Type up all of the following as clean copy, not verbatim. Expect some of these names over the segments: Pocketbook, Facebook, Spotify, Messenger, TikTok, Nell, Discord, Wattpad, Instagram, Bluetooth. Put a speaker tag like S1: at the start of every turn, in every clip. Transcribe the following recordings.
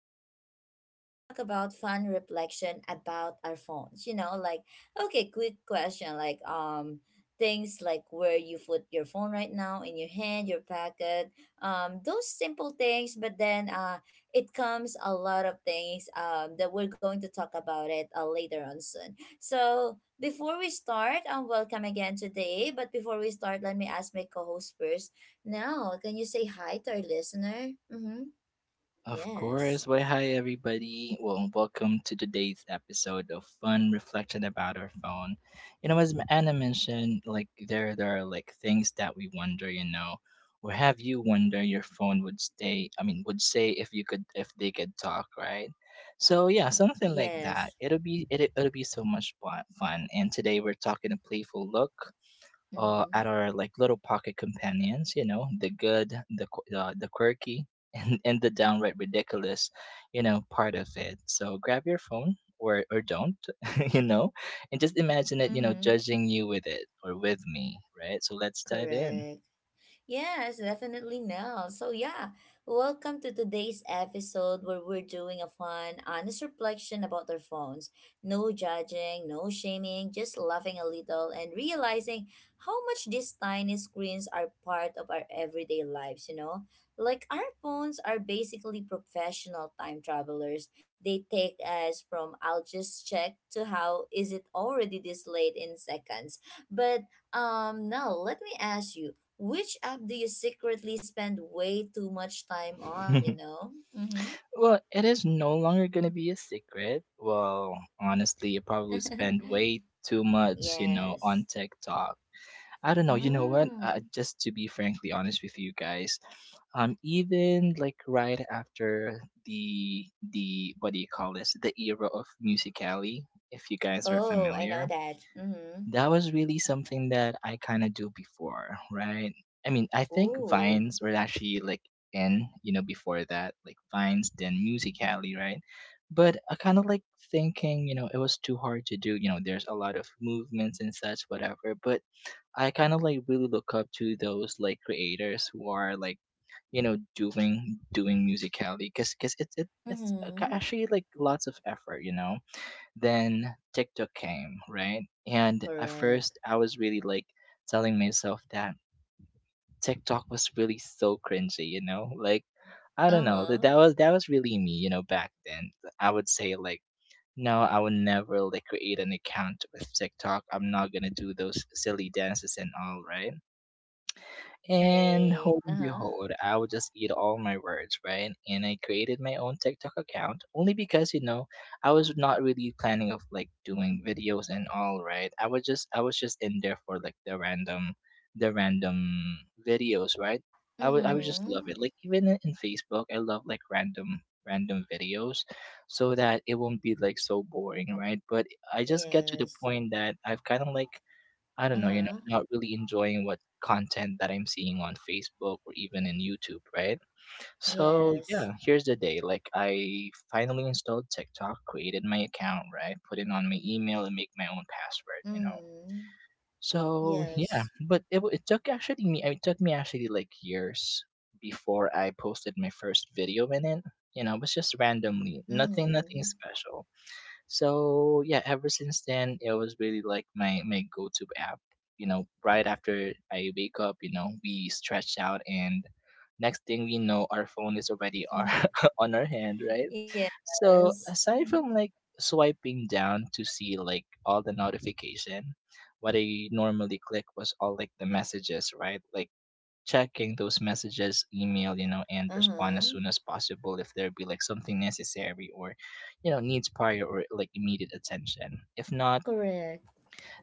S1: today we're going to talk about fun reflection about our phones. Okay, quick question like things like where you put your phone right now, in your hand, your pocket. Those simple things, but then it comes a lot of things that we're going to talk about it later on soon. So before we start, welcome again today. But before we start, let me ask my co-host first now. Can you say hi to our listener? Mm-hmm.
S2: Of
S1: Yes.
S2: course. Well, hi, everybody. Well, welcome to today's episode of Fun Reflection About Our Phone. You know, as Anna mentioned, like there are like things that we wonder. You know, or have you wonder your phone would stay? I mean, would say if you could, if they could talk, right? So yeah, something like that.
S1: Yes.
S2: It'll be so much fun. And today we're talking a playful look
S1: Mm-hmm.
S2: at our like little pocket companions. You know, the good, the quirky, and the downright ridiculous. You know, part of it. So grab your phone. Or don't, you know, and just imagine it, you know,
S1: Mm-hmm.
S2: judging you with it or with me, right? So let's dive in.
S1: Correct. Yes, definitely now. So, yeah, welcome to today's episode where we're doing a fun, honest reflection about our phones. No judging, no shaming, just laughing a little and realizing how much these tiny screens are part of our everyday lives, you know? Like, our phones are basically professional time travelers. They take us from "I'll just check" to "how is it already this late" in seconds. But, now let me ask you, which app do you secretly spend way too much time on, you know? Mm-hmm.
S2: Well, it is no longer going to be a secret. Well, honestly, you probably spend way too much, you know,
S1: Yes.
S2: on TikTok. I don't know. You know what?
S1: Mm.
S2: Just to be frankly honest with you guys, even like right after the what do you call this? The era of musically, if you guys are
S1: Oh, I know
S2: familiar,
S1: that. Mm-hmm.
S2: that was really something that I kind of do before, right? I mean, I think
S1: Ooh.
S2: vines were actually like in, you know, before that, like vines, then musically, right? But I kind of like thinking, you know, it was too hard to do. You know, there's a lot of movements and such, whatever. But I kind of like really look up to those like creators who are like, you know, doing musicality because it's it, it's a-
S1: Mm-hmm.
S2: actually like lots of effort, you know. Then TikTok came, right? And at
S1: Correct.
S2: first I was really like telling myself that TikTok was really so cringy, you know, like I don't know that,
S1: Uh-huh.
S2: that was that was really me, you know, back then. I would say like no, I would never like create an account with TikTok. I'm not gonna do those silly dances and all, right? And
S1: Right.
S2: hold and
S1: Uh-huh.
S2: behold, I would just eat all my words, right? And I created my own TikTok account only because, you know, I was not really planning of like doing videos and all, right? I was just in there for like the random videos, right? I would just
S1: Mm-hmm.
S2: love it. Like even in Facebook, I love like random videos so that it won't be like so boring, right? But I just get to the
S1: Yes.
S2: point that I've kind of like, I don't know, you know,
S1: Uh-huh.
S2: not really enjoying what content that I'm seeing on Facebook or even in YouTube, right? So
S1: Yes.
S2: yeah, here's the day. Like I finally installed TikTok, created my account, right? Put in on my email and make my own password, you know.
S1: Mm-hmm.
S2: So yeah,
S1: Yes.
S2: but it took actually me. It took me actually like years before I posted my first video in it. You know, it was just randomly, nothing, nothing
S1: Mm-hmm.
S2: special. So yeah, ever since then, it was really like my go-to app. You know, right after I wake up, you know, we stretch out, and next thing we know, our phone is already our, on our hand, right? So
S1: Yes.
S2: aside
S1: Mm-hmm.
S2: from like swiping down to see like all the notification, what I normally click was all like the messages, right? Like checking those messages, email, you know, and respond as
S1: Uh-huh.
S2: soon as possible if there be like something necessary or, you know, needs prior or like immediate attention. If not,
S1: Correct.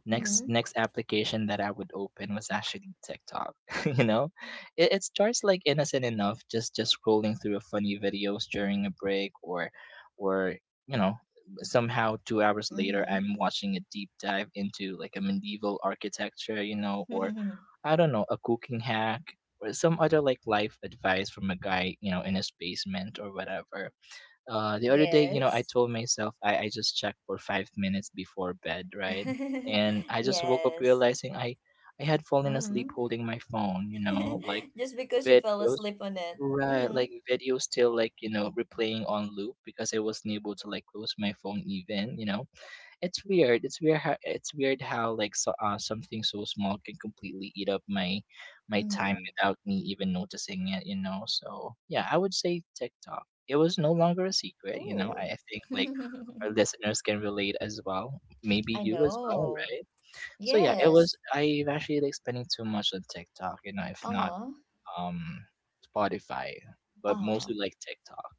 S2: Next
S1: Mm-hmm.
S2: next application that I would open was actually TikTok. You know, it starts like innocent enough, just scrolling through a funny videos during a break, or, you know, somehow 2 hours later I'm watching a deep dive into like a medieval architecture, you know, or
S1: Mm-hmm.
S2: I don't know, a cooking hack or some other like life advice from a guy, you know, in his basement or whatever. The other day, you know, I
S1: Yes.
S2: told myself I just checked for 5 minutes before bed, right? And I just woke up
S1: Yes.
S2: realizing I had fallen asleep
S1: Mm-hmm.
S2: holding my phone, you know, like
S1: Just because you fell
S2: videos,
S1: asleep on it.
S2: right?
S1: Mm-hmm.
S2: Like videos still like, you know, replaying on loop because I wasn't able to like close my phone even, you know. It's weird. It's weird how like so something so small can completely eat up my time
S1: Mm-hmm.
S2: without me even noticing it. You know, so yeah, I would say TikTok. It was no longer a secret. You know,
S1: Ooh.
S2: I think like our listeners can relate as well. Maybe
S1: I
S2: you as well,
S1: know.
S2: right? So yeah, it was.
S1: Yes.
S2: I've actually like spending too much on TikTok. You know, if not,
S1: Uh-huh.
S2: um Spotify, but
S1: Uh-huh.
S2: mostly like TikTok.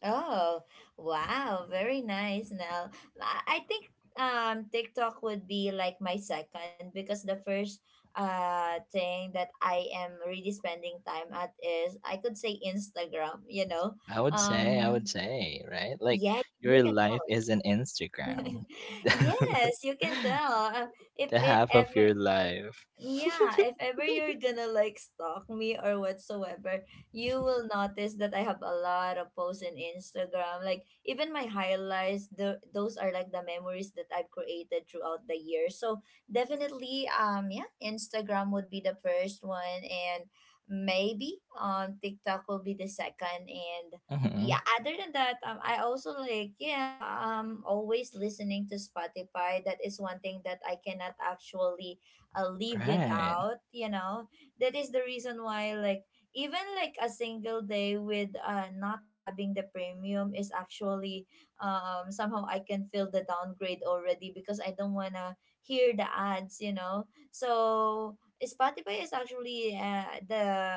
S1: Oh, wow. Very nice now. I think TikTok would be like my second, because the first thing that I am really spending time at is, I could say, Instagram, you know.
S2: I would say, I would
S1: Um
S2: say, right? Like
S1: Yeah, you
S2: your
S1: can.
S2: life is an Instagram.
S1: Yes, you can tell. If
S2: The
S1: it
S2: half of
S1: ever
S2: your life.
S1: Yeah, if ever you're gonna like stalk me or whatsoever, you will notice that I have a lot of posts in Instagram. Like even my highlights, the those are like the memories that I've created throughout the year. So definitely, yeah, Instagram would be the first one, and maybe TikTok will be the second, and yeah,
S2: Mhm.
S1: other than that, I also like, yeah, always listening to Spotify. That is one thing that I cannot actually leave it
S2: Right.
S1: out, you know. That is the reason why, like, even like a single day with not having the premium is actually somehow, I can feel the downgrade already, because I don't want to hear the ads, you know. So Spotify is actually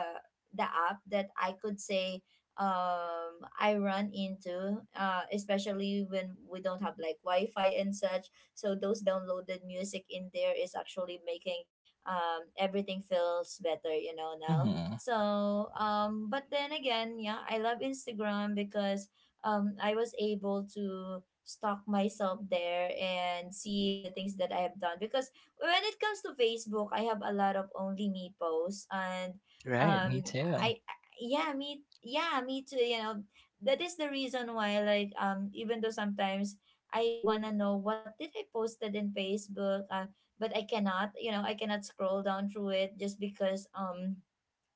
S1: the app that I could say, I run into, especially when we don't have like Wi-Fi and such. So those downloaded music in there is actually making everything feels better, you know now.
S2: Mhm.
S1: So but then again, yeah, I love Instagram because I was able to stalk myself there and see the things that I have done. Because when it comes to Facebook, I have a lot of "only me" posts, and
S2: Right, me
S1: um
S2: too.
S1: me too, you know. That is the reason why, like, even though sometimes I wanna know what did I posted in Facebook, but I cannot, you know, I cannot scroll down through it just because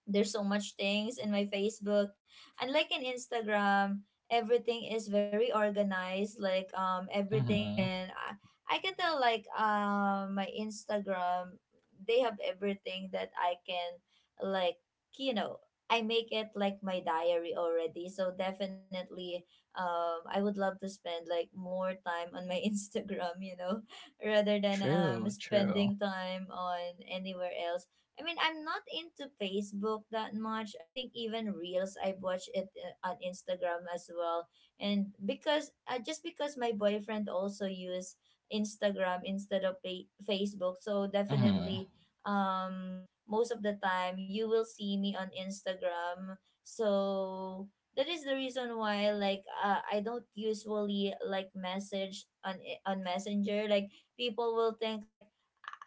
S1: there's so much things in my Facebook. Unlike in Instagram, everything is very organized. Like, everything
S2: Mhm.
S1: can I can tell like, my Instagram, they have everything that I can, like, you know, I make it like my diary already. So definitely, I would love to spend like more time on my Instagram, you know, rather than
S2: True, true.
S1: spending time on anywhere else. I mean, I'm not into Facebook that much. I think even Reels, I've watched it on Instagram as well. And because just because my boyfriend also use Instagram instead of Facebook, so
S2: Mhm.
S1: definitely um most of the time you will see me on Instagram. So that is the reason why, like, I don't usually like message on on Messenger. Like, people will think, like,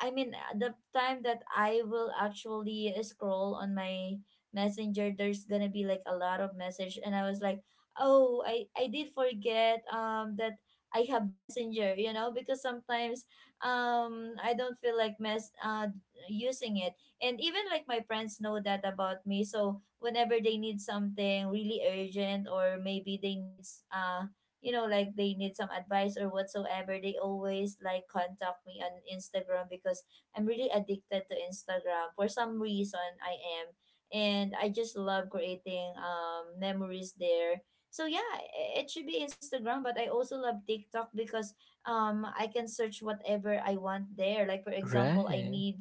S1: I mean, the time that I will actually scroll on my messenger, there's gonna be like a lot of message, and I was like, oh, I did forget that I have messenger, you know, because sometimes I don't feel like mess using it. And even like my friends know that about me, so whenever they need something really urgent, or maybe they need, uh you know, like, they need some advice or whatsoever, they always like contact me on Instagram, because I'm really addicted to Instagram for some reason, I am. And I just love creating memories there. So yeah, it should be Instagram, but I also love TikTok because I can search whatever I want there, like, for example, I
S2: Right.
S1: need,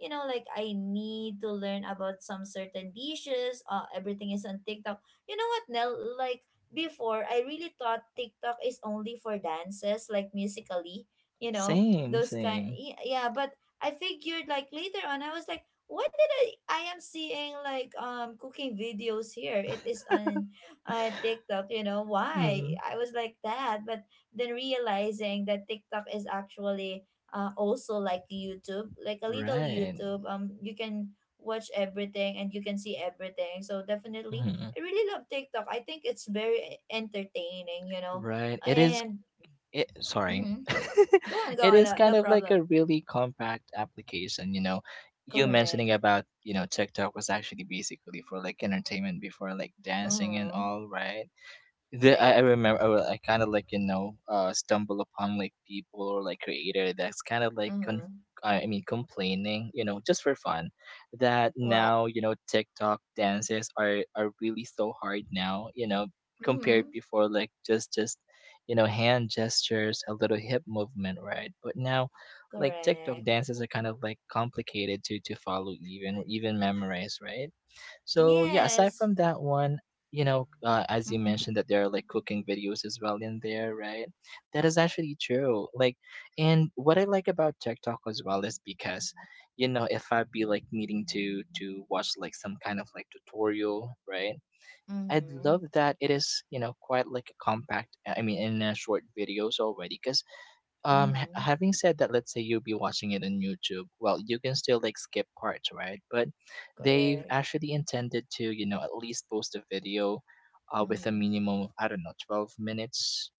S1: you know, like, I need to learn about some certain dishes, everything is on TikTok. You know what, Nell, like, before, I really thought TikTok is only for dances, like musically, you know,
S2: Same,
S1: those kind.
S2: same.
S1: Yeah, but I figured like later on, I was like, why did I? I am seeing like cooking videos here. It is on TikTok, you know why?
S2: Hmm.
S1: I was like that, but then realizing that TikTok is actually also like YouTube, like a little
S2: Right.
S1: YouTube. You can watch everything and you can see everything. So definitely,
S2: Hmm.
S1: I really love TikTok. I think it's very entertaining, you know.
S2: Right. It is,
S1: And
S2: it sorry.
S1: mhm. Go on, go
S2: It
S1: on.
S2: is
S1: No, no
S2: kind of like
S1: problem.
S2: a really compact application, you know. You
S1: Correct.
S2: mentioning about, you know, TikTok was actually basically for like entertainment before like dancing and
S1: Mm-hmm.
S2: all, right? I
S1: Right.
S2: remember I kind of like, you know, stumble upon like people or like creator that's kind of like
S1: Mm-hmm.
S2: I mean complaining, you know, just for fun that
S1: What?
S2: now, you know, TikTok dances are really so hard now, you know,
S1: Mm-hmm.
S2: compared before like just you know hand gestures, a little hip movement, right? But now like TikTok
S1: Correct.
S2: dances are kind of like complicated to follow, even memorize, right? So yeah, aside
S1: Yes.
S2: from that one, you know, as you
S1: Mm-hmm.
S2: mentioned that there are like cooking videos as well in there, right? That is actually true. Like, and what I like about TikTok as well is because, you know, if I'd be like needing to watch like some kind of like tutorial, right? I'd
S1: Mm-hmm.
S2: love that it is, you know, quite like a compact. I mean, in a short videos already, because
S1: Mm-hmm.
S2: having said that, let's say you'll be watching it on YouTube. Well, you can still like skip parts, right? But they've
S1: Correct.
S2: actually intended to, you know, at least post a video, with a
S1: Mm-hmm.
S2: minimum of I don't know, 12 minutes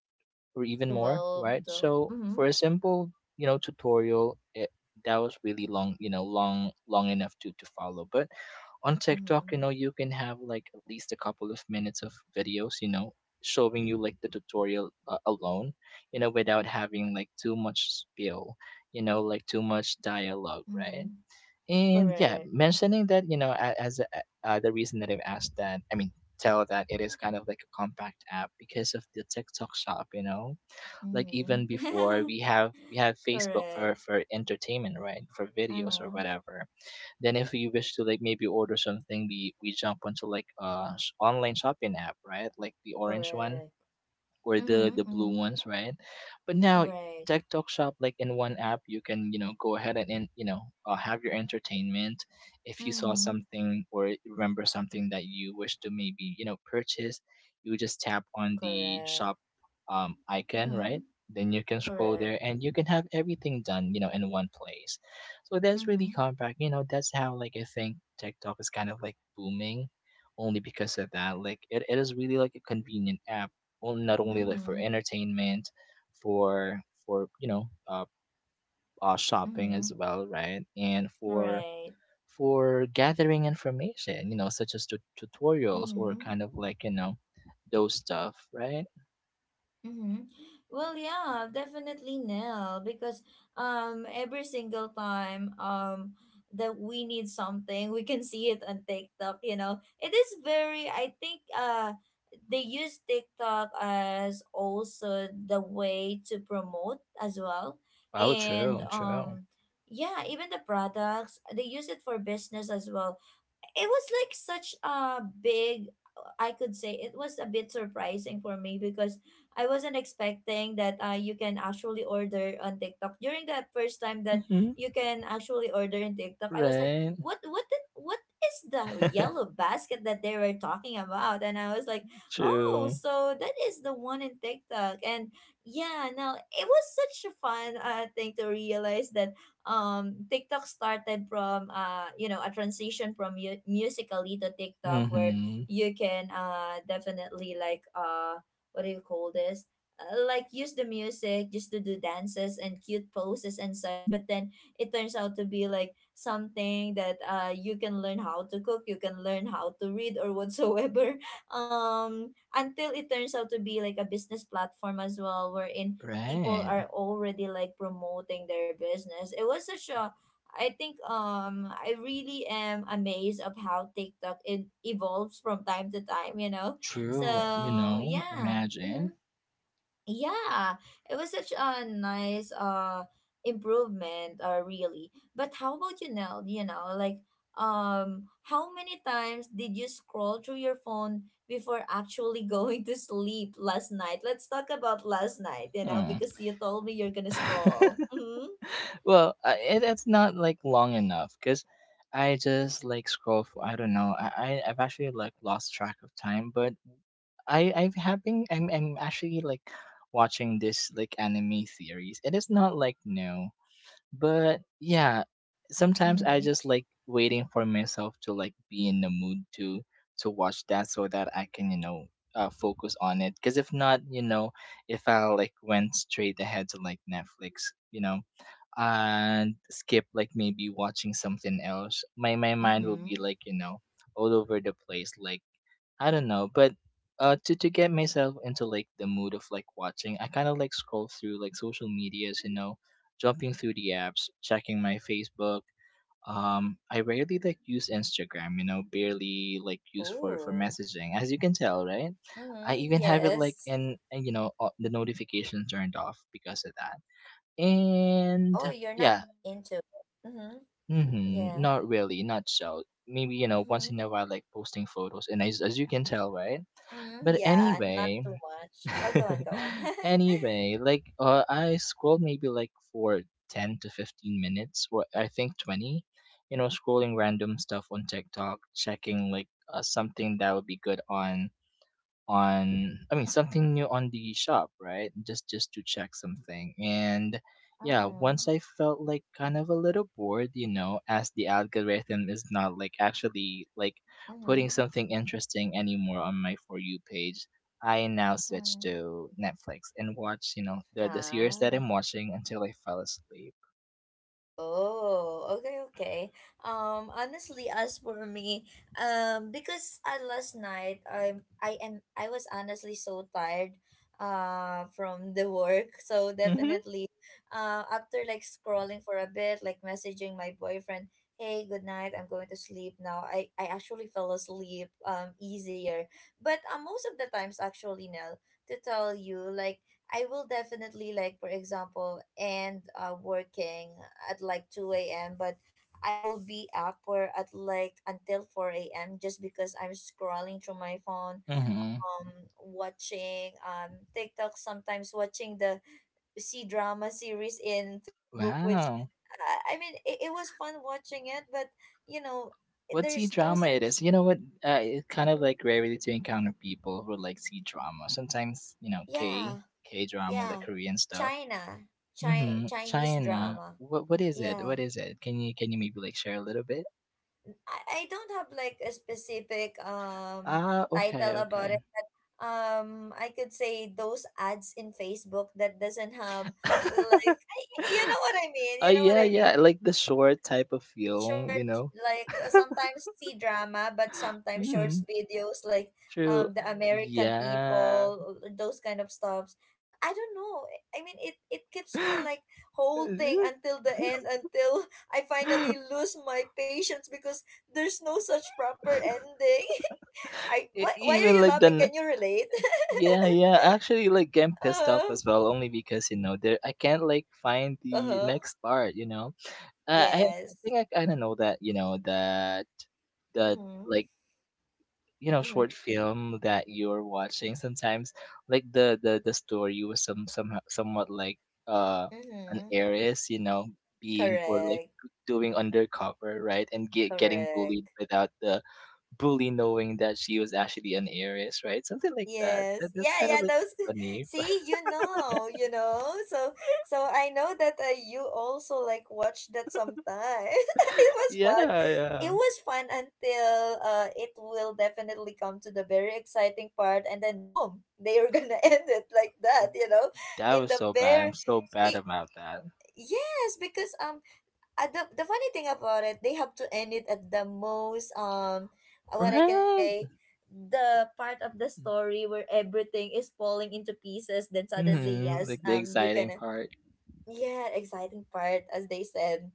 S2: or even more,
S1: 12,
S2: right?
S1: 12.
S2: So
S1: Mm-hmm.
S2: for a simple, you know, tutorial, it, that was really long, you know, long, long enough to follow. But on TikTok, you know,
S1: Mm-hmm.
S2: you can have like at least a couple of minutes of videos, you know, showing you like the tutorial alone, you know, without having like too much spiel, you know, like too much dialogue, right?
S1: Mm-hmm.
S2: And yeah,
S1: Correct.
S2: mentioning that, you know, as a, the reason that I've asked that, I mean, tell that it is kind of like a compact app because of the TikTok shop, you know, like even before
S1: Mm-hmm.
S2: we have we have Facebook
S1: Correct.
S2: for entertainment, right? For videos or
S1: Uh-huh.
S2: whatever. Then if we wish to like maybe order something, we jump onto like online shopping app, right? Like the orange one
S1: Correct.
S2: or the
S1: Mm-hmm.
S2: the
S1: Mm-hmm.
S2: blue ones, right? But now
S1: Right.
S2: TikTok Shop, like in one app, you can, you know, go ahead and, you know, have your entertainment. If you saw
S1: Mm-hmm.
S2: something or remember something that you wish to maybe, you know, purchase, you just tap on the
S1: Correct.
S2: shop icon,
S1: Mm-hmm.
S2: right? Then you can scroll
S1: Correct.
S2: there and you can have everything done, you know, in one place. So that's
S1: Mm-hmm.
S2: really compact. You know, that's how like I think TikTok is kind of like booming only because of that. Like it is really like a convenient app, well, not only like for
S1: Mm-hmm.
S2: entertainment, for for, you know, shopping
S1: Mm-hmm.
S2: as well, right? And
S1: Right.
S2: for gathering information, you know, such as tutorials or
S1: Mm-hmm.
S2: kind of like, you know, those stuff, right?
S1: Mm-hmm. Well, yeah, definitely Nell, because every single time that we need something, we can see it on TikTok, you know. It is very, I think, they use TikTok as also the way to promote as well.
S2: Oh,
S1: And
S2: true, true.
S1: yeah, even the products, they use it for business as well. It was like such a big, I could say, it was a bit surprising for me, because I wasn't expecting that, you can actually order on TikTok. During that first time that
S2: Mm-hmm.
S1: you can actually order in TikTok, I was like,
S2: Right.
S1: what did, what is the yellow basket that they were talking about? And I was like, oh,
S2: True.
S1: so that is the one in TikTok. And yeah, now it was such a fun thing to realize that, TikTok started from, you know, a transition from musically to TikTok, where
S2: Mm-hmm.
S1: you can definitely like, what do you call this uh, like, use the music just to do dances and cute poses and such. But then, it turns out to be like something that, you can learn how to cook, you can learn how to read or whatsoever. Until it turns out to be like a business platform as well, wherein people
S2: Right.
S1: are already like promoting their business. It was such a, I think, I really am amazed of how TikTok, it evolves from time to time, you know.
S2: True. You
S1: So
S2: know,
S1: yeah.
S2: imagine.
S1: Hmm. Yeah, it was such a nice improvement, really. But how about you now, you know, like, how many times did you scroll through your phone before actually going to sleep last night? Let's talk about last night, you know,
S2: Hmm.
S1: because you told me you're gonna scroll. Mm-hmm.
S2: Well, I, it, it's not like long enough because I just like scroll for I don't know. I I've actually like lost track of time, but I I've have been I'm actually like watching this like anime series. It is not like new. But yeah, sometimes I
S1: Mm-hmm.
S2: just like waiting for myself to like be in the mood to watch that so that I can, you know, focus on it. Because if not, you know, if I like went straight ahead to like Netflix, you know, and skip like maybe watching something else, my mind will be
S1: Mm-hmm.
S2: like, you know, all over the place, like I don't know, but to get myself into like the mood of like watching, I kind of like scroll through like social medias, you know, jumping through the apps, checking my Facebook. I rarely like use Instagram, you know, barely like use for
S1: Oh.
S2: messaging, as you can tell, right? I
S1: Mm-hmm.
S2: even have it like
S1: Yes.
S2: in you know the notification turned off because of that. And
S1: Oh, you're not
S2: yeah,
S1: that into it. Mm-hmm.
S2: hmm,
S1: Yeah.
S2: not really, not so. Maybe you know
S1: Mm-hmm.
S2: once in a while like posting photos, and as you can tell, right?
S1: Mm,
S2: But
S1: yeah, not
S2: anyway,
S1: too much. Oh, go on, go on.
S2: anyway, like I scrolled maybe like for 10 to 15 minutes, or I think 20, you know, scrolling random stuff on TikTok, checking like something that would be good on I mean something new on the shop, right? Just to check something. And yeah,
S1: Mm-hmm,
S2: once I felt like kind of a little bored, you know, as the algorithm is not like actually like
S1: mm-hmm,
S2: putting something interesting anymore on my For You page, I now switch
S1: mm-hmm.
S2: to Netflix and watch, you know, the series that
S1: Ah.
S2: I'm watching until I fell asleep.
S1: Oh, okay, okay. Honestly, as for me, because last night I'm I am I was honestly so tired, from the work. So
S2: Hmm.
S1: definitely, after like scrolling for a bit, like messaging my boyfriend, hey, good night, I'm going to sleep now. I actually fell asleep easier, but most of the times, actually, now, to tell you, like, I will definitely, like, for example, end working at like 2 a.m., but I will be up for at like until 4 a.m., just because I'm scrolling through my phone,
S2: Mm-hmm.
S1: um watching TikTok, sometimes watching the C drama series in Facebook, which
S2: Wow,
S1: I mean, it was fun watching it, but you know,
S2: what C
S1: there's no
S2: drama it
S1: such.
S2: is. You know what? It's kind of
S1: Mm.
S2: like rarely to encounter people who like C drama. Sometimes you know K
S1: Yeah.
S2: K drama, like
S1: Yeah.
S2: Korean stuff.
S1: China.
S2: Mm-hmm.
S1: Chinese
S2: China.
S1: drama.
S2: What is it?
S1: Yeah.
S2: What is it? Can you maybe like share a little bit?
S1: I don't have like a specific
S2: Ah, okay,
S1: title about it.
S2: okay.
S1: I could say those ads in Facebook that doesn't have like, you know what I mean.
S2: Oh
S1: You know what
S2: yeah,
S1: I mean.
S2: yeah, like the short type of film, you
S1: Short,
S2: know.
S1: like sometimes see drama but sometimes
S2: Mm,
S1: shorts videos, like
S2: true.
S1: the American
S2: Yeah.
S1: people, those kind of stuffs. I don't know. I mean it keeps me
S2: E-
S1: like holding until the end until I finally lose my patience because there's no such proper ending. Why are
S2: Even
S1: you
S2: like
S1: laughing? Can
S2: the
S1: you relate?
S2: yeah, yeah. Actually, like getting pissed off
S1: Uh-huh.
S2: as well, only because you know there I can't like find the
S1: Uh-huh.
S2: next part. You know, uh, I I
S1: Yes.
S2: think I kind of know that you know that that
S1: Mm-hmm.
S2: like you know
S1: Mm-hmm.
S2: short film that you're watching sometimes like the story was somehow somewhat like uh an
S1: Mm-hmm.
S2: heiress, you know, being or like
S1: Correct.
S2: doing undercover, right? And getting bullied
S1: Correct.
S2: without the bully knowing that she was actually an heiress, right? Something like that,
S1: Yes.
S2: that that's
S1: Yeah,
S2: kind of
S1: yeah,
S2: like
S1: those.
S2: funny.
S1: See, you know, you know. So I know that, you also like watch that sometime. It was
S2: Yeah,
S1: fun. It
S2: yeah.
S1: was fun until it will definitely come to the very exciting part, and then boom, they are going to end it like that, you know.
S2: That
S1: In
S2: was
S1: the
S2: so bad. I'm
S1: very
S2: so bad
S1: it,
S2: about that.
S1: yes, because the funny thing about it, they have to end it at the most, what I can
S2: Right?
S1: say, the part of the story where everything is falling into pieces, then suddenly,
S2: Hmm,
S1: yes,
S2: like the
S1: you
S2: exciting
S1: can.
S2: part.
S1: Yeah, exciting part, as they said.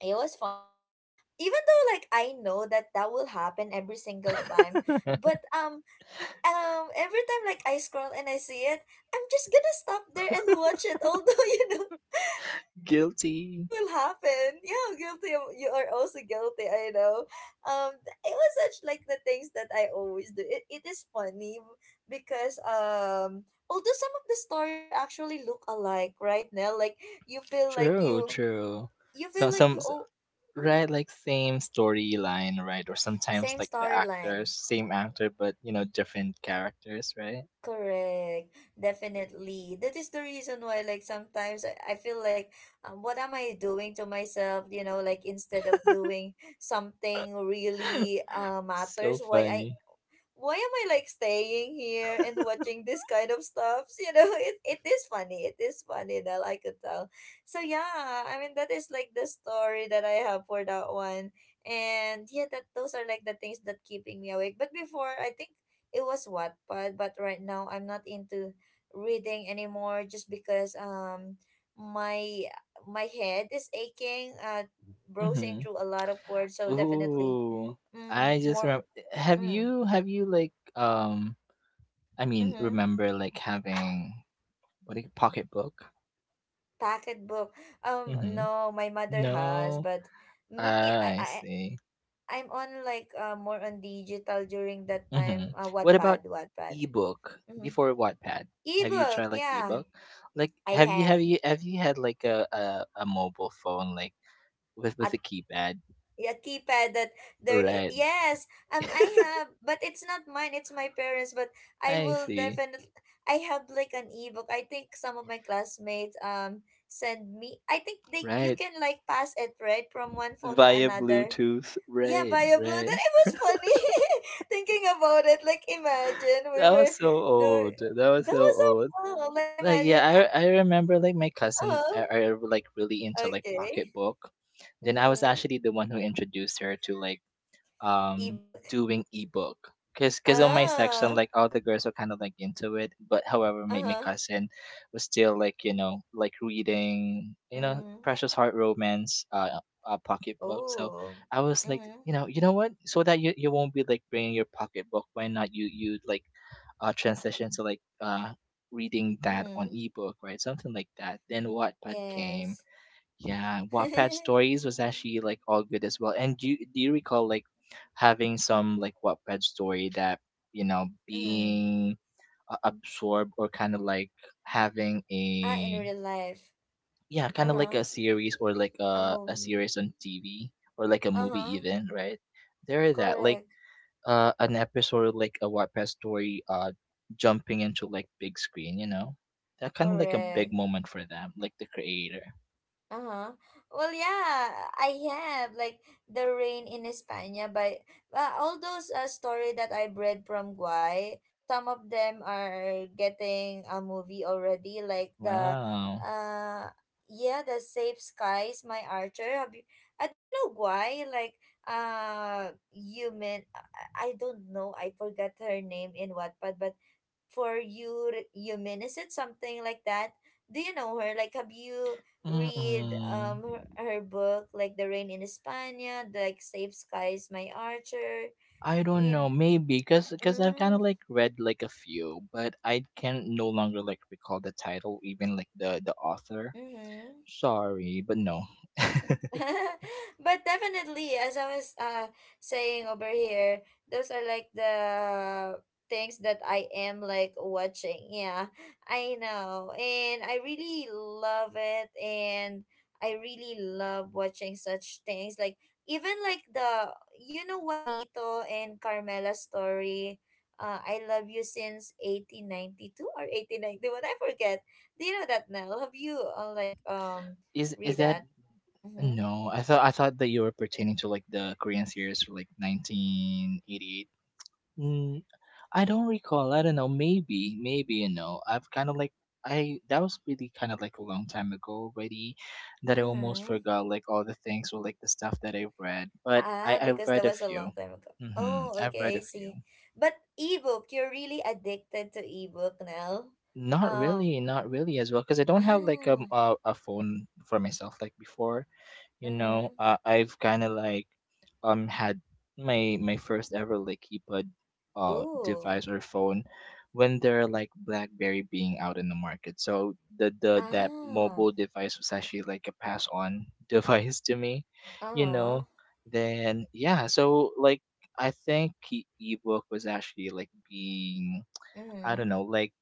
S1: It was fun, like, even though, like, I know that that will happen every single time, but every time, like, I scroll and I see it, I'm just gonna stop there and watch it, although, you know, although I know what
S2: Guilty.
S1: will happen. Yeah, guilty. You are also guilty. I know. It was such like the things that I always do. It is funny because, although some of the stories are actually look alike, right now, like you feel like
S2: True,
S1: you
S2: true.
S1: you feel
S2: Some,
S1: like
S2: some,
S1: you
S2: s-
S1: all, mm-hmm,
S2: right? Like same storyline, right? Or sometimes
S1: same
S2: like the
S1: storyline.
S2: actors, same actor, but you know, different characters, right?
S1: Correct. Definitely. That is the reason why, like, sometimes I feel like, what am I doing to myself? You know, like, instead of doing something really,
S2: So
S1: matters,
S2: funny.
S1: why am I like staying here and watching this kind of stuffs? You know, it is funny. It is funny that I could tell. So yeah, I mean that is like the story that I have for that one. And yeah, that those are like the things that keeping me awake. But before, I think it was Wattpad, but right now I'm not into reading anymore just because, my my head is aching, browsing
S2: Hmm.
S1: through a lot of words, so definitely.
S2: Ooh,
S1: Mm,
S2: I just
S1: more.
S2: remember. Have
S1: Mm.
S2: you like um? I
S1: Mm-hmm.
S2: mean, remember like having what do you pocketbook?
S1: Pocketbook.
S2: Mhm.
S1: No, my mother has,
S2: No.
S1: but me,
S2: Ah, I see.
S1: I'm on, like, more on digital during that time.
S2: Mhm. What about
S1: Wattpad, Wattpad.
S2: ebook
S1: Mm-hmm.
S2: before Wattpad? Have you tried
S1: Ebook,
S2: like
S1: yeah,
S2: ebook? Like
S1: I
S2: have you
S1: have
S2: had like a mobile phone like
S1: a,
S2: with a keypad?
S1: a keypad that there.
S2: Right.
S1: Yes, I have, but it's not mine. It's my parents'. But I
S2: I
S1: will
S2: see.
S1: definitely. I have like an ebook. I think some of my classmates send me. I think they you
S2: Right.
S1: can like pass it right from one phone to
S2: Via
S1: another.
S2: Bluetooth.
S1: Yeah,
S2: Right.
S1: Bio Blue. Then
S2: Right.
S1: it was funny, thinking about it. Like, imagine we
S2: That was
S1: were
S2: so
S1: do.
S2: old. That was
S1: That
S2: so
S1: was so
S2: old.
S1: cool. Like,
S2: Like
S1: imagine.
S2: yeah, I remember like my cousin
S1: Oh,
S2: are like really into like
S1: okay.
S2: pocketbook. Then I was
S1: Mm-hmm.
S2: actually the one who introduced her to like um
S1: Ebook.
S2: doing ebook. Because on my section
S1: Ah.
S2: like all the girls were kind of like into it, but however
S1: Uh
S2: my
S1: huh.
S2: cousin was still like you know like reading you know
S1: Mm.
S2: Precious Heart Romance, a pocketbook. So
S1: Oh.
S2: I was like,
S1: Mm-hmm.
S2: you know, you know what, so that you won't be like bringing your pocketbook, why not you like transition to like reading that on
S1: Mm-hmm.
S2: ebook, right? Something like that. Then Wattpad came.
S1: Yes.
S2: Yeah, Wattpad stories was actually like all good as well. And do you recall like having some like Wattpad story that you know
S1: Mm.
S2: being absorbed or kind of like having
S1: Ah, in
S2: a
S1: real life.
S2: yeah
S1: Uh
S2: kind of like
S1: huh.
S2: a series or like
S1: A
S2: a
S1: movie.
S2: series on TV or like a
S1: Uh
S2: movie
S1: huh.
S2: even, right? There is that like
S1: Correct.
S2: an episode like a Wattpad story jumping into like big screen, you know, that kind of like a big
S1: Correct.
S2: moment for them like the creator.
S1: Uh-huh. Well, yeah, I have like The Rain in España by, all those, story that I've read from Guy. Some of them are getting a movie already, like the,
S2: Wow.
S1: uh yeah, The Safe Skies, My Archer. Have you, do you know Guy? Like, human, I don't know. I forgot her name in Wattpad, but for you it something like that. Do you know her, like have you read,
S2: Mm-mm.
S1: her book, like The Rain in España, the, like Safe Skies My Archer.
S2: I don't
S1: In.
S2: know, maybe because I've kind
S1: Mm.
S2: of like read like a few, but I can no longer like recall the title, even like the author.
S1: Mm-hmm.
S2: Sorry, but no.
S1: But definitely, as I was, saying over here, those are like the things that I am like watching, yeah. I know, and I really love it, and I really love watching such things like, even like the, you know, Juanito and Carmela story, I Love You Since 1892 or 1891. I forget. Do you know that now? Have you, like,
S2: Is
S1: read
S2: that
S1: that? Mm-hmm.
S2: no? I thought that you were pertaining to like the Korean series for like 1988. I don't recall. I don't know. You know, I, that was really kind of like a long time ago already that I almost
S1: Mm-hmm.
S2: forgot like all the things or like the stuff that I've read. But
S1: Ah,
S2: I've
S1: because that
S2: read a
S1: was a
S2: few.
S1: long time ago.
S2: Mm-hmm.
S1: Oh,
S2: I've read
S1: okay, I
S2: a
S1: see.
S2: few.
S1: But ebook, you're really addicted to ebook now.
S2: Not
S1: Um,
S2: really, not really as well, because I don't have like
S1: ah,
S2: a phone for myself like before. You know
S1: mm-hmm.
S2: I've kind of like had my first ever like keypad
S1: Ooh,
S2: device or phone when there are like BlackBerry being out in the market. So the that
S1: ah,
S2: mobile device was actually like a pass on device to me, you
S1: uh-huh.
S2: know. Then yeah, so like I think ebook was actually like being I don't
S1: Mm-hmm.
S2: know like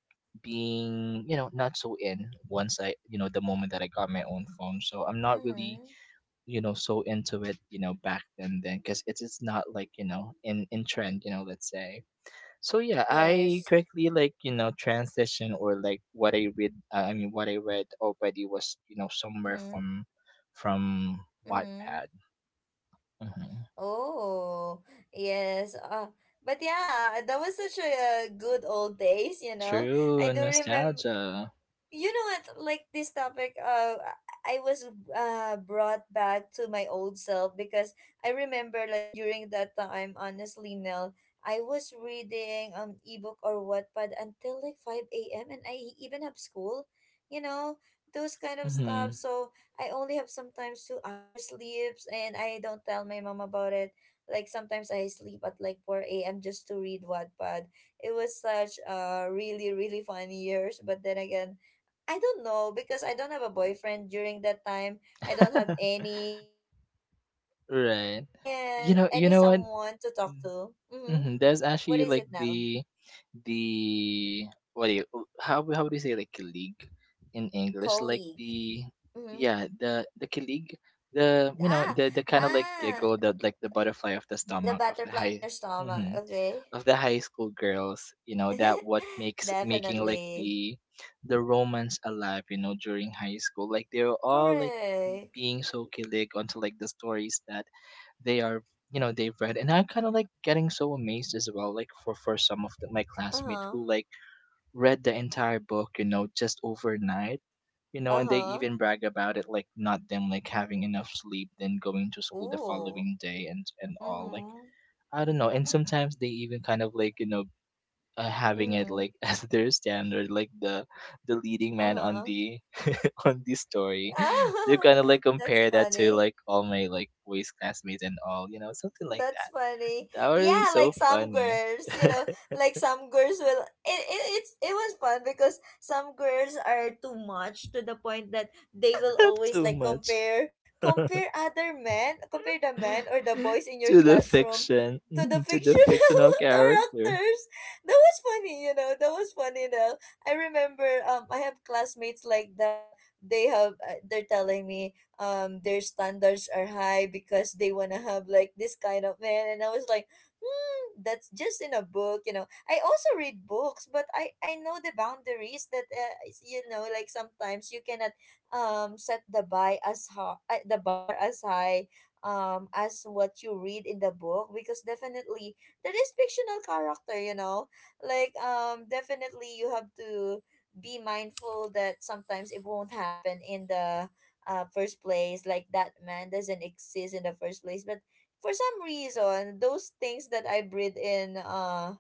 S2: being you know not so in, once I, you know, the moment that I got my own phone, so I'm not really
S1: Mm-hmm.
S2: you know so into it you know back then because it's not like you know in trend you know, let's say. So yeah, I
S1: Yes.
S2: quickly like you know transition or like what I read, I mean what I read already was you know somewhere
S1: Mm-hmm.
S2: from
S1: Mm-hmm.
S2: Wattpad. Hmm.
S1: Oh, yes. But yeah, that was such a, good old days, you know. I
S2: True
S1: do remember,
S2: nostalgia.
S1: you know what, like this topic, I was, brought back to my old self because I remember, like, during that time, honestly, Nell, I was reading, ebook or Wattpad until like 5 a.m. and I even have school, you know, those kind of stuff,
S2: Hmm.
S1: so I only have sometimes 2 hours sleeps, and I don't tell my mom about it. Like sometimes I sleep at like 4 a.m. just to read Wattpad. It was such, really fun years, but then again, I don't know because I don't have a boyfriend during that time. I don't have any, uh
S2: Right. You know you
S1: any
S2: know what?
S1: someone to talk to. Mm-hmm.
S2: Mhm, there's
S1: What
S2: actually
S1: is
S2: like
S1: it now?
S2: the what do you oh, how do you say like colleague in English? Like
S1: Colleague.
S2: the
S1: Mm-hmm.
S2: yeah, the colleague, the you know,
S1: Ah,
S2: the kind of like
S1: ah,
S2: giggle that like the butterfly of the
S1: the
S2: stomach of the
S1: butterfly
S2: high
S1: in your stomach.
S2: mhm,
S1: Okay.
S2: of the high school girls, you know, that what makes making like
S1: Definitely.
S2: the romance alive, you know, during high school. Like they're all like
S1: Correct.
S2: being so kilig onto like the stories that they are you know they've read. And I'm kind of like getting so amazed as well like for some of my
S1: Uh
S2: classmates
S1: huh.
S2: who like read the entire book you know just overnight, you know,
S1: Uh
S2: and they
S1: huh.
S2: even brag about it like not them like having enough sleep, then going to school the
S1: Ooh.
S2: following day and all like
S1: Mm-hmm.
S2: I don't know. And sometimes they even kind of like you know having it
S1: Mm-hmm.
S2: like as their standard, like the leading
S1: Uh
S2: man on
S1: huh.
S2: the on the story. They've
S1: Ah,
S2: kind of like
S1: that's
S2: compare that to
S1: funny.
S2: like all my like boys classmates and all, you know, something like
S1: That's
S2: that.
S1: funny.
S2: That would be
S1: Yeah, like
S2: so
S1: some
S2: funny.
S1: girls, you know, like some girls will, it was fun because some girls are too much to the point that they will always
S2: Too
S1: like
S2: much.
S1: compare,
S2: to
S1: other men, compare the men or the boys in your
S2: the
S1: classroom
S2: fiction,
S1: to the
S2: mhm, to the
S1: fictional
S2: fictional character.
S1: characters. That was funny, you know. That was funny though. I remember, I have classmates like that. They have, they're telling me, their standards are high because they want to have like this kind of man. And I was like, hmm, that's just in a book, you know. I also read books, but I know the boundaries that, you know, like sometimes you cannot, set the buy as high, the bar as high, as what you read in the book because definitely there is fictional character, you know. Like, definitely you have to be mindful that sometimes it won't happen in the, first place, like that man doesn't exist in the first place, but for some reason, those things that I breathe in,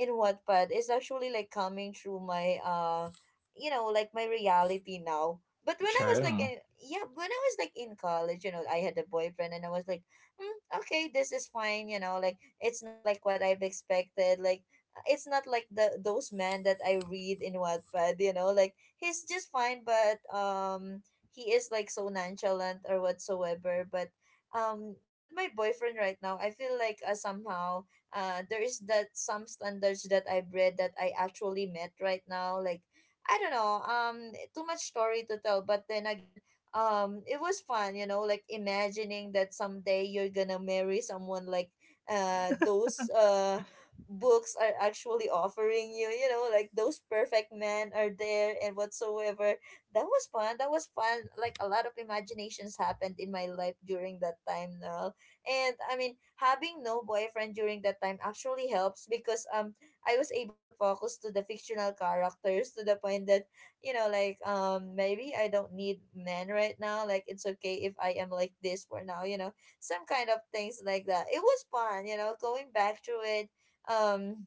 S1: in Wattpad, is actually like coming through my, you know, like my reality now. But when I was like
S2: True.
S1: in, yeah, when I was like in college, you know, I had a boyfriend, and I was like, mm, okay, this is fine, you know, like it's not like what I've expected, like, it's not like the those men that I read in Wattpad, you know, like he's just fine, but, he is like so nonchalant or whatsoever. But, with my boyfriend right now, I feel like, somehow, there is that some standards that I've read that I actually met right now, like I don't know, too much story to tell, but then again, it was fun, you know, like imagining that someday you're gonna marry someone like, those, books are actually offering you, you know, like those perfect men are there and whatsoever. That was fun. That was fun. Like a lot of imaginations happened in my life during that time, Nell. And I mean, having no boyfriend during that time actually helps because, I was able to focus to the fictional characters to the point that, you know, like, maybe I don't need men right now. Like, it's okay if I am like this for now. You know, some kind of things like that. It was fun. You know, going back to it. Um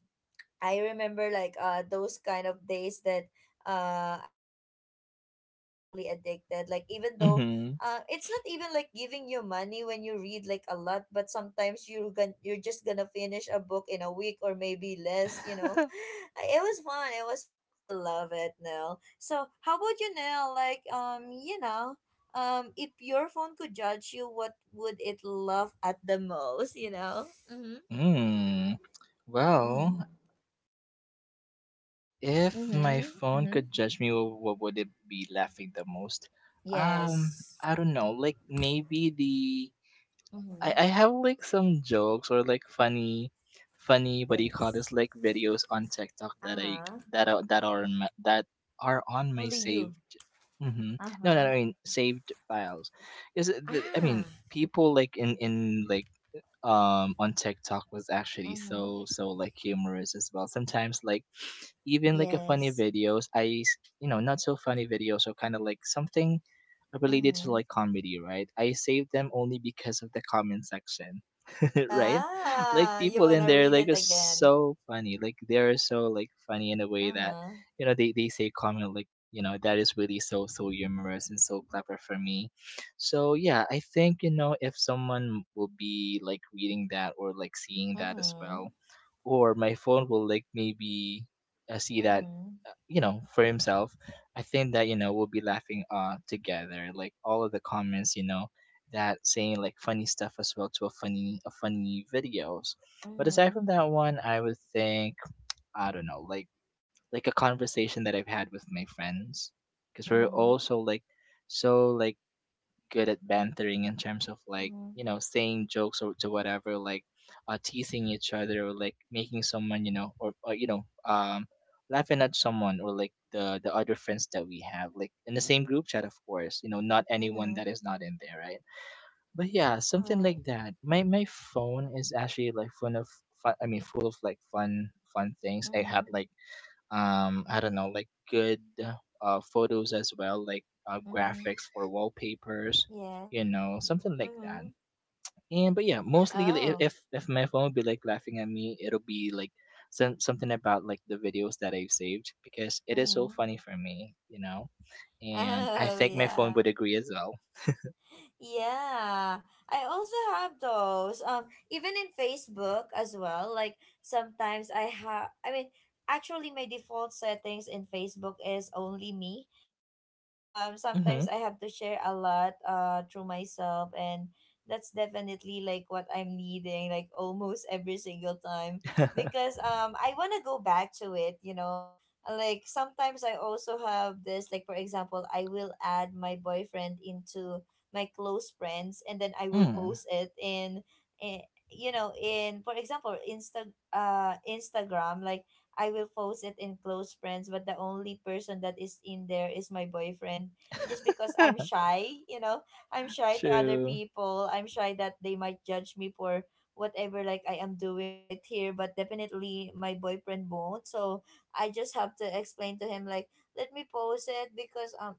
S1: I remember, like, those kind of days that, I was actually addicted. Like, even though,
S2: Mm-hmm.
S1: it's not even like giving you money when you read like a lot, but sometimes, you're just gonna finish a book in a week or maybe less, you know. It was fun, it was fun. I love it, Nell. So how about you, Nell? Like, you know, if your phone could judge you, what would it love at the most, you know? Mm-hmm.
S2: Mm.
S1: Mm-hmm.
S2: Well, if my
S1: Mm-hmm.
S2: phone
S1: Mm-hmm.
S2: could judge me, what would it be laughing the most? Um,
S1: Yes.
S2: I don't know. Like maybe the I
S1: Mm-hmm.
S2: have like some jokes or like funny what do you call
S1: Thanks.
S2: this? Like videos on TikTok
S1: Uh
S2: that I
S1: huh.
S2: that are on my, that are on my
S1: Only you.
S2: saved. Mm-hmm.
S1: Uh
S2: No, no,
S1: huh.
S2: I mean saved files. Is I
S1: Ah.
S2: mean people like in like on TikTok was actually
S1: Mm-hmm.
S2: so so like humorous as well. Sometimes like even like a funny
S1: Yes.
S2: videos, you know, not so funny videos or kind of like something related to
S1: Mm-hmm.
S2: like comedy, right? I save them only because of the comment section. Right?
S1: Ah,
S2: Like
S1: you
S2: people in
S1: wanna
S2: there
S1: read
S2: like
S1: it
S2: are
S1: again?
S2: so funny. Like they're so like funny in a way that
S1: Uh-huh.
S2: you know they say comment like you know that is really so so humorous and so clever for me. So yeah, I think you know if someone will be like reading that or like seeing that as
S1: Mm-hmm.
S2: well or my phone will like maybe see that
S1: Mm-hmm.
S2: you know for himself, I think that you know we'll be laughing together like all of the comments, you know, that saying like funny stuff as well to a funny videos. But aside
S1: Mm-hmm.
S2: from that one, I would think I don't know like a conversation that I've had with my friends because we're
S1: Mm-hmm.
S2: also like so like good at bantering in terms of like
S1: Mm-hmm.
S2: you know saying jokes or to whatever, like teasing each other or like making someone you know or you know laughing at someone or like the other friends that we have like in the same group chat, of course, you know, not anyone that
S1: Mm-hmm.
S2: is not in there, right? But yeah,
S1: All
S2: something like
S1: right.
S2: that. My phone is actually like full of fun, I mean full of like fun fun things I had
S1: Mm-hmm.
S2: like I don't know, like good photos as well like
S1: Mm-hmm.
S2: graphics for wallpapers, you
S1: Yes.
S2: know, something like that.
S1: Mm-hmm.
S2: And but yeah, mostly
S1: Oh.
S2: if my phone would be like laughing at me, it'll be like some something about like the videos that I've saved because it is so
S1: Mm-hmm.
S2: funny for me you know, and I
S1: Oh
S2: think my phone
S1: yeah.
S2: would agree as well.
S1: Yeah, I also have those. Even in Facebook as well. Like sometimes I have. I mean, actually, my default settings in Facebook is only me because,
S2: Mm-hmm.
S1: sometimes I have to share a lot, through myself, and that's definitely like what I'm needing like almost every single time because, I want to go back to it. You know, like sometimes I also have this, like for example, I will add my boyfriend into my close friends, and then I will
S2: Mm.
S1: post it in you know, in, for example, Instagram, like I will post it in close friends, but the only person that is in there is my boyfriend, just because I'm shy, you know. I'm shy to other
S2: True.
S1: people. I'm shy that they might judge me for whatever like I am doing right here, but definitely my boyfriend won't, so I just have to explain to him, like, let me post it because,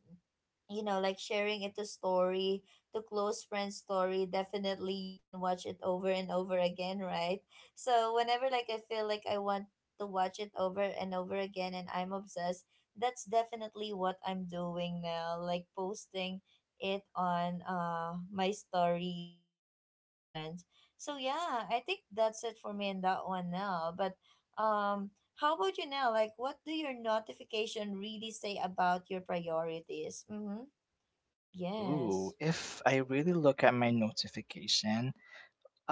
S1: you know, like sharing it to story, to close friends story, definitely you can watch it over and over again, right. So whenever, like, I feel like I want to watch it over and over again and I'm obsessed, that's definitely what I'm doing now, like posting it on, my story, as a close friend. So yeah, I think that's it for me in that one now, but um how about you now, like what do your notification really say about your priorities? Mm-hmm.
S2: Ooh,
S1: Yes.
S2: if I really look at my notification,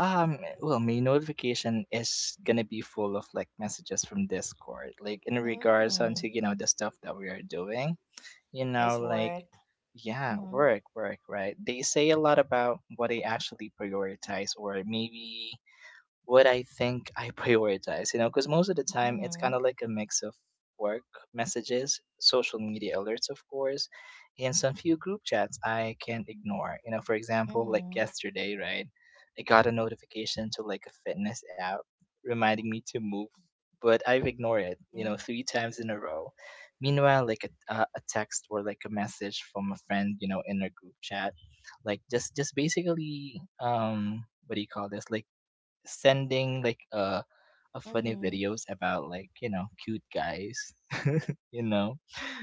S2: Well, my notification is gonna be full of like messages from Discord, like in regards onto
S1: Mm.
S2: you know the stuff that we are doing. You know,
S1: Yes,
S2: like
S1: work.
S2: yeah,
S1: Mm-hmm.
S2: work, work, right? They say a lot about what they actually prioritize, or maybe what I think I prioritize, you know, because most of the time it's kind
S1: Mm-hmm.
S2: of like a mix of work messages, social media alerts, of course, and some few group chats I can't ignore. You know, for example, like
S1: Mm-hmm.
S2: yesterday, right? I got a notification to like a fitness app reminding me to move, but I've ignored it, you know,
S1: Mm-hmm.
S2: 3 times in a row. Meanwhile, like a text or like a message from a friend, you know, in a group chat, like just basically what do you call this like sending like a funny
S1: Mm-hmm.
S2: videos about like you know cute guys. You know,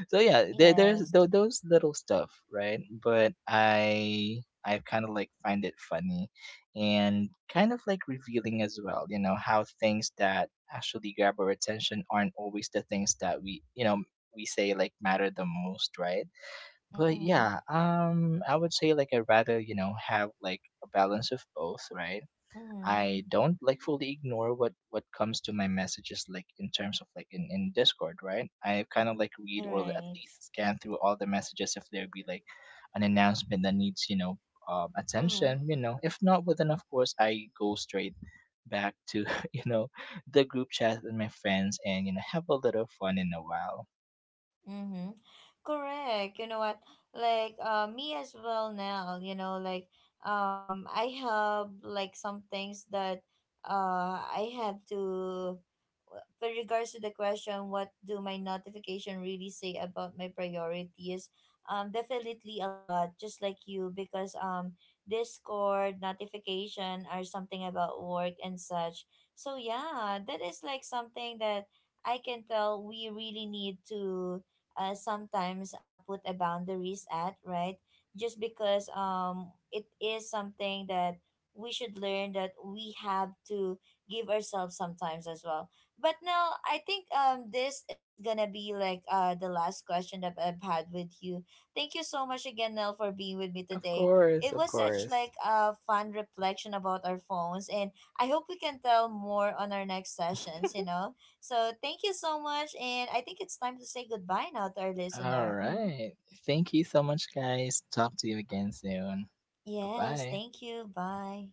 S2: so yeah, there's
S1: Yes.
S2: those little stuff right. But I kind of like find it funny and kind of like revealing as well, you know, how things that actually grab our attention aren't always the things that we you know we say like matter the most, right? But
S1: Mm-hmm.
S2: yeah, I would say like I'd rather you know have like a balance of both, right?
S1: Mm-hmm.
S2: I don't like fully ignore what comes to my messages like in terms of like in Discord, right? I kind of like read or at
S1: Right.
S2: least scan through all the messages if there be like an announcement that needs you know
S1: Uh-huh.
S2: attention, you know. If not, well, then of course I go straight back to you know the group chat with my friends and you know have a little fun in a while.
S1: Mm-hmm. Correct. You know what? Like, me as well now, you know, like, I have like some things that, I have to, with regards to the question, what do my notification really say about my priorities? Definitely, a lot, just like you, because, Discord notification are something about work and such. So yeah, that is like something that I can tell we really need to, sometimes, put a boundaries at, right? Just because, it is something that we should learn that we have to give ourselves sometimes as well. But now, I think, this is gonna be like, the last question that I've had with you. Thank you so much again, Nell, for being with me
S2: Of
S1: today.
S2: course,
S1: It
S2: of
S1: was such
S2: course.
S1: like a fun reflection about our phones, and I hope we can tell more on our next sessions. You know, so thank you so much, and I think it's time to say goodbye now to our
S2: All
S1: listener. Hmm.
S2: right. Thank you so much, guys. Talk to you again soon. Bye
S1: Yes,
S2: bye.
S1: thank you. Bye.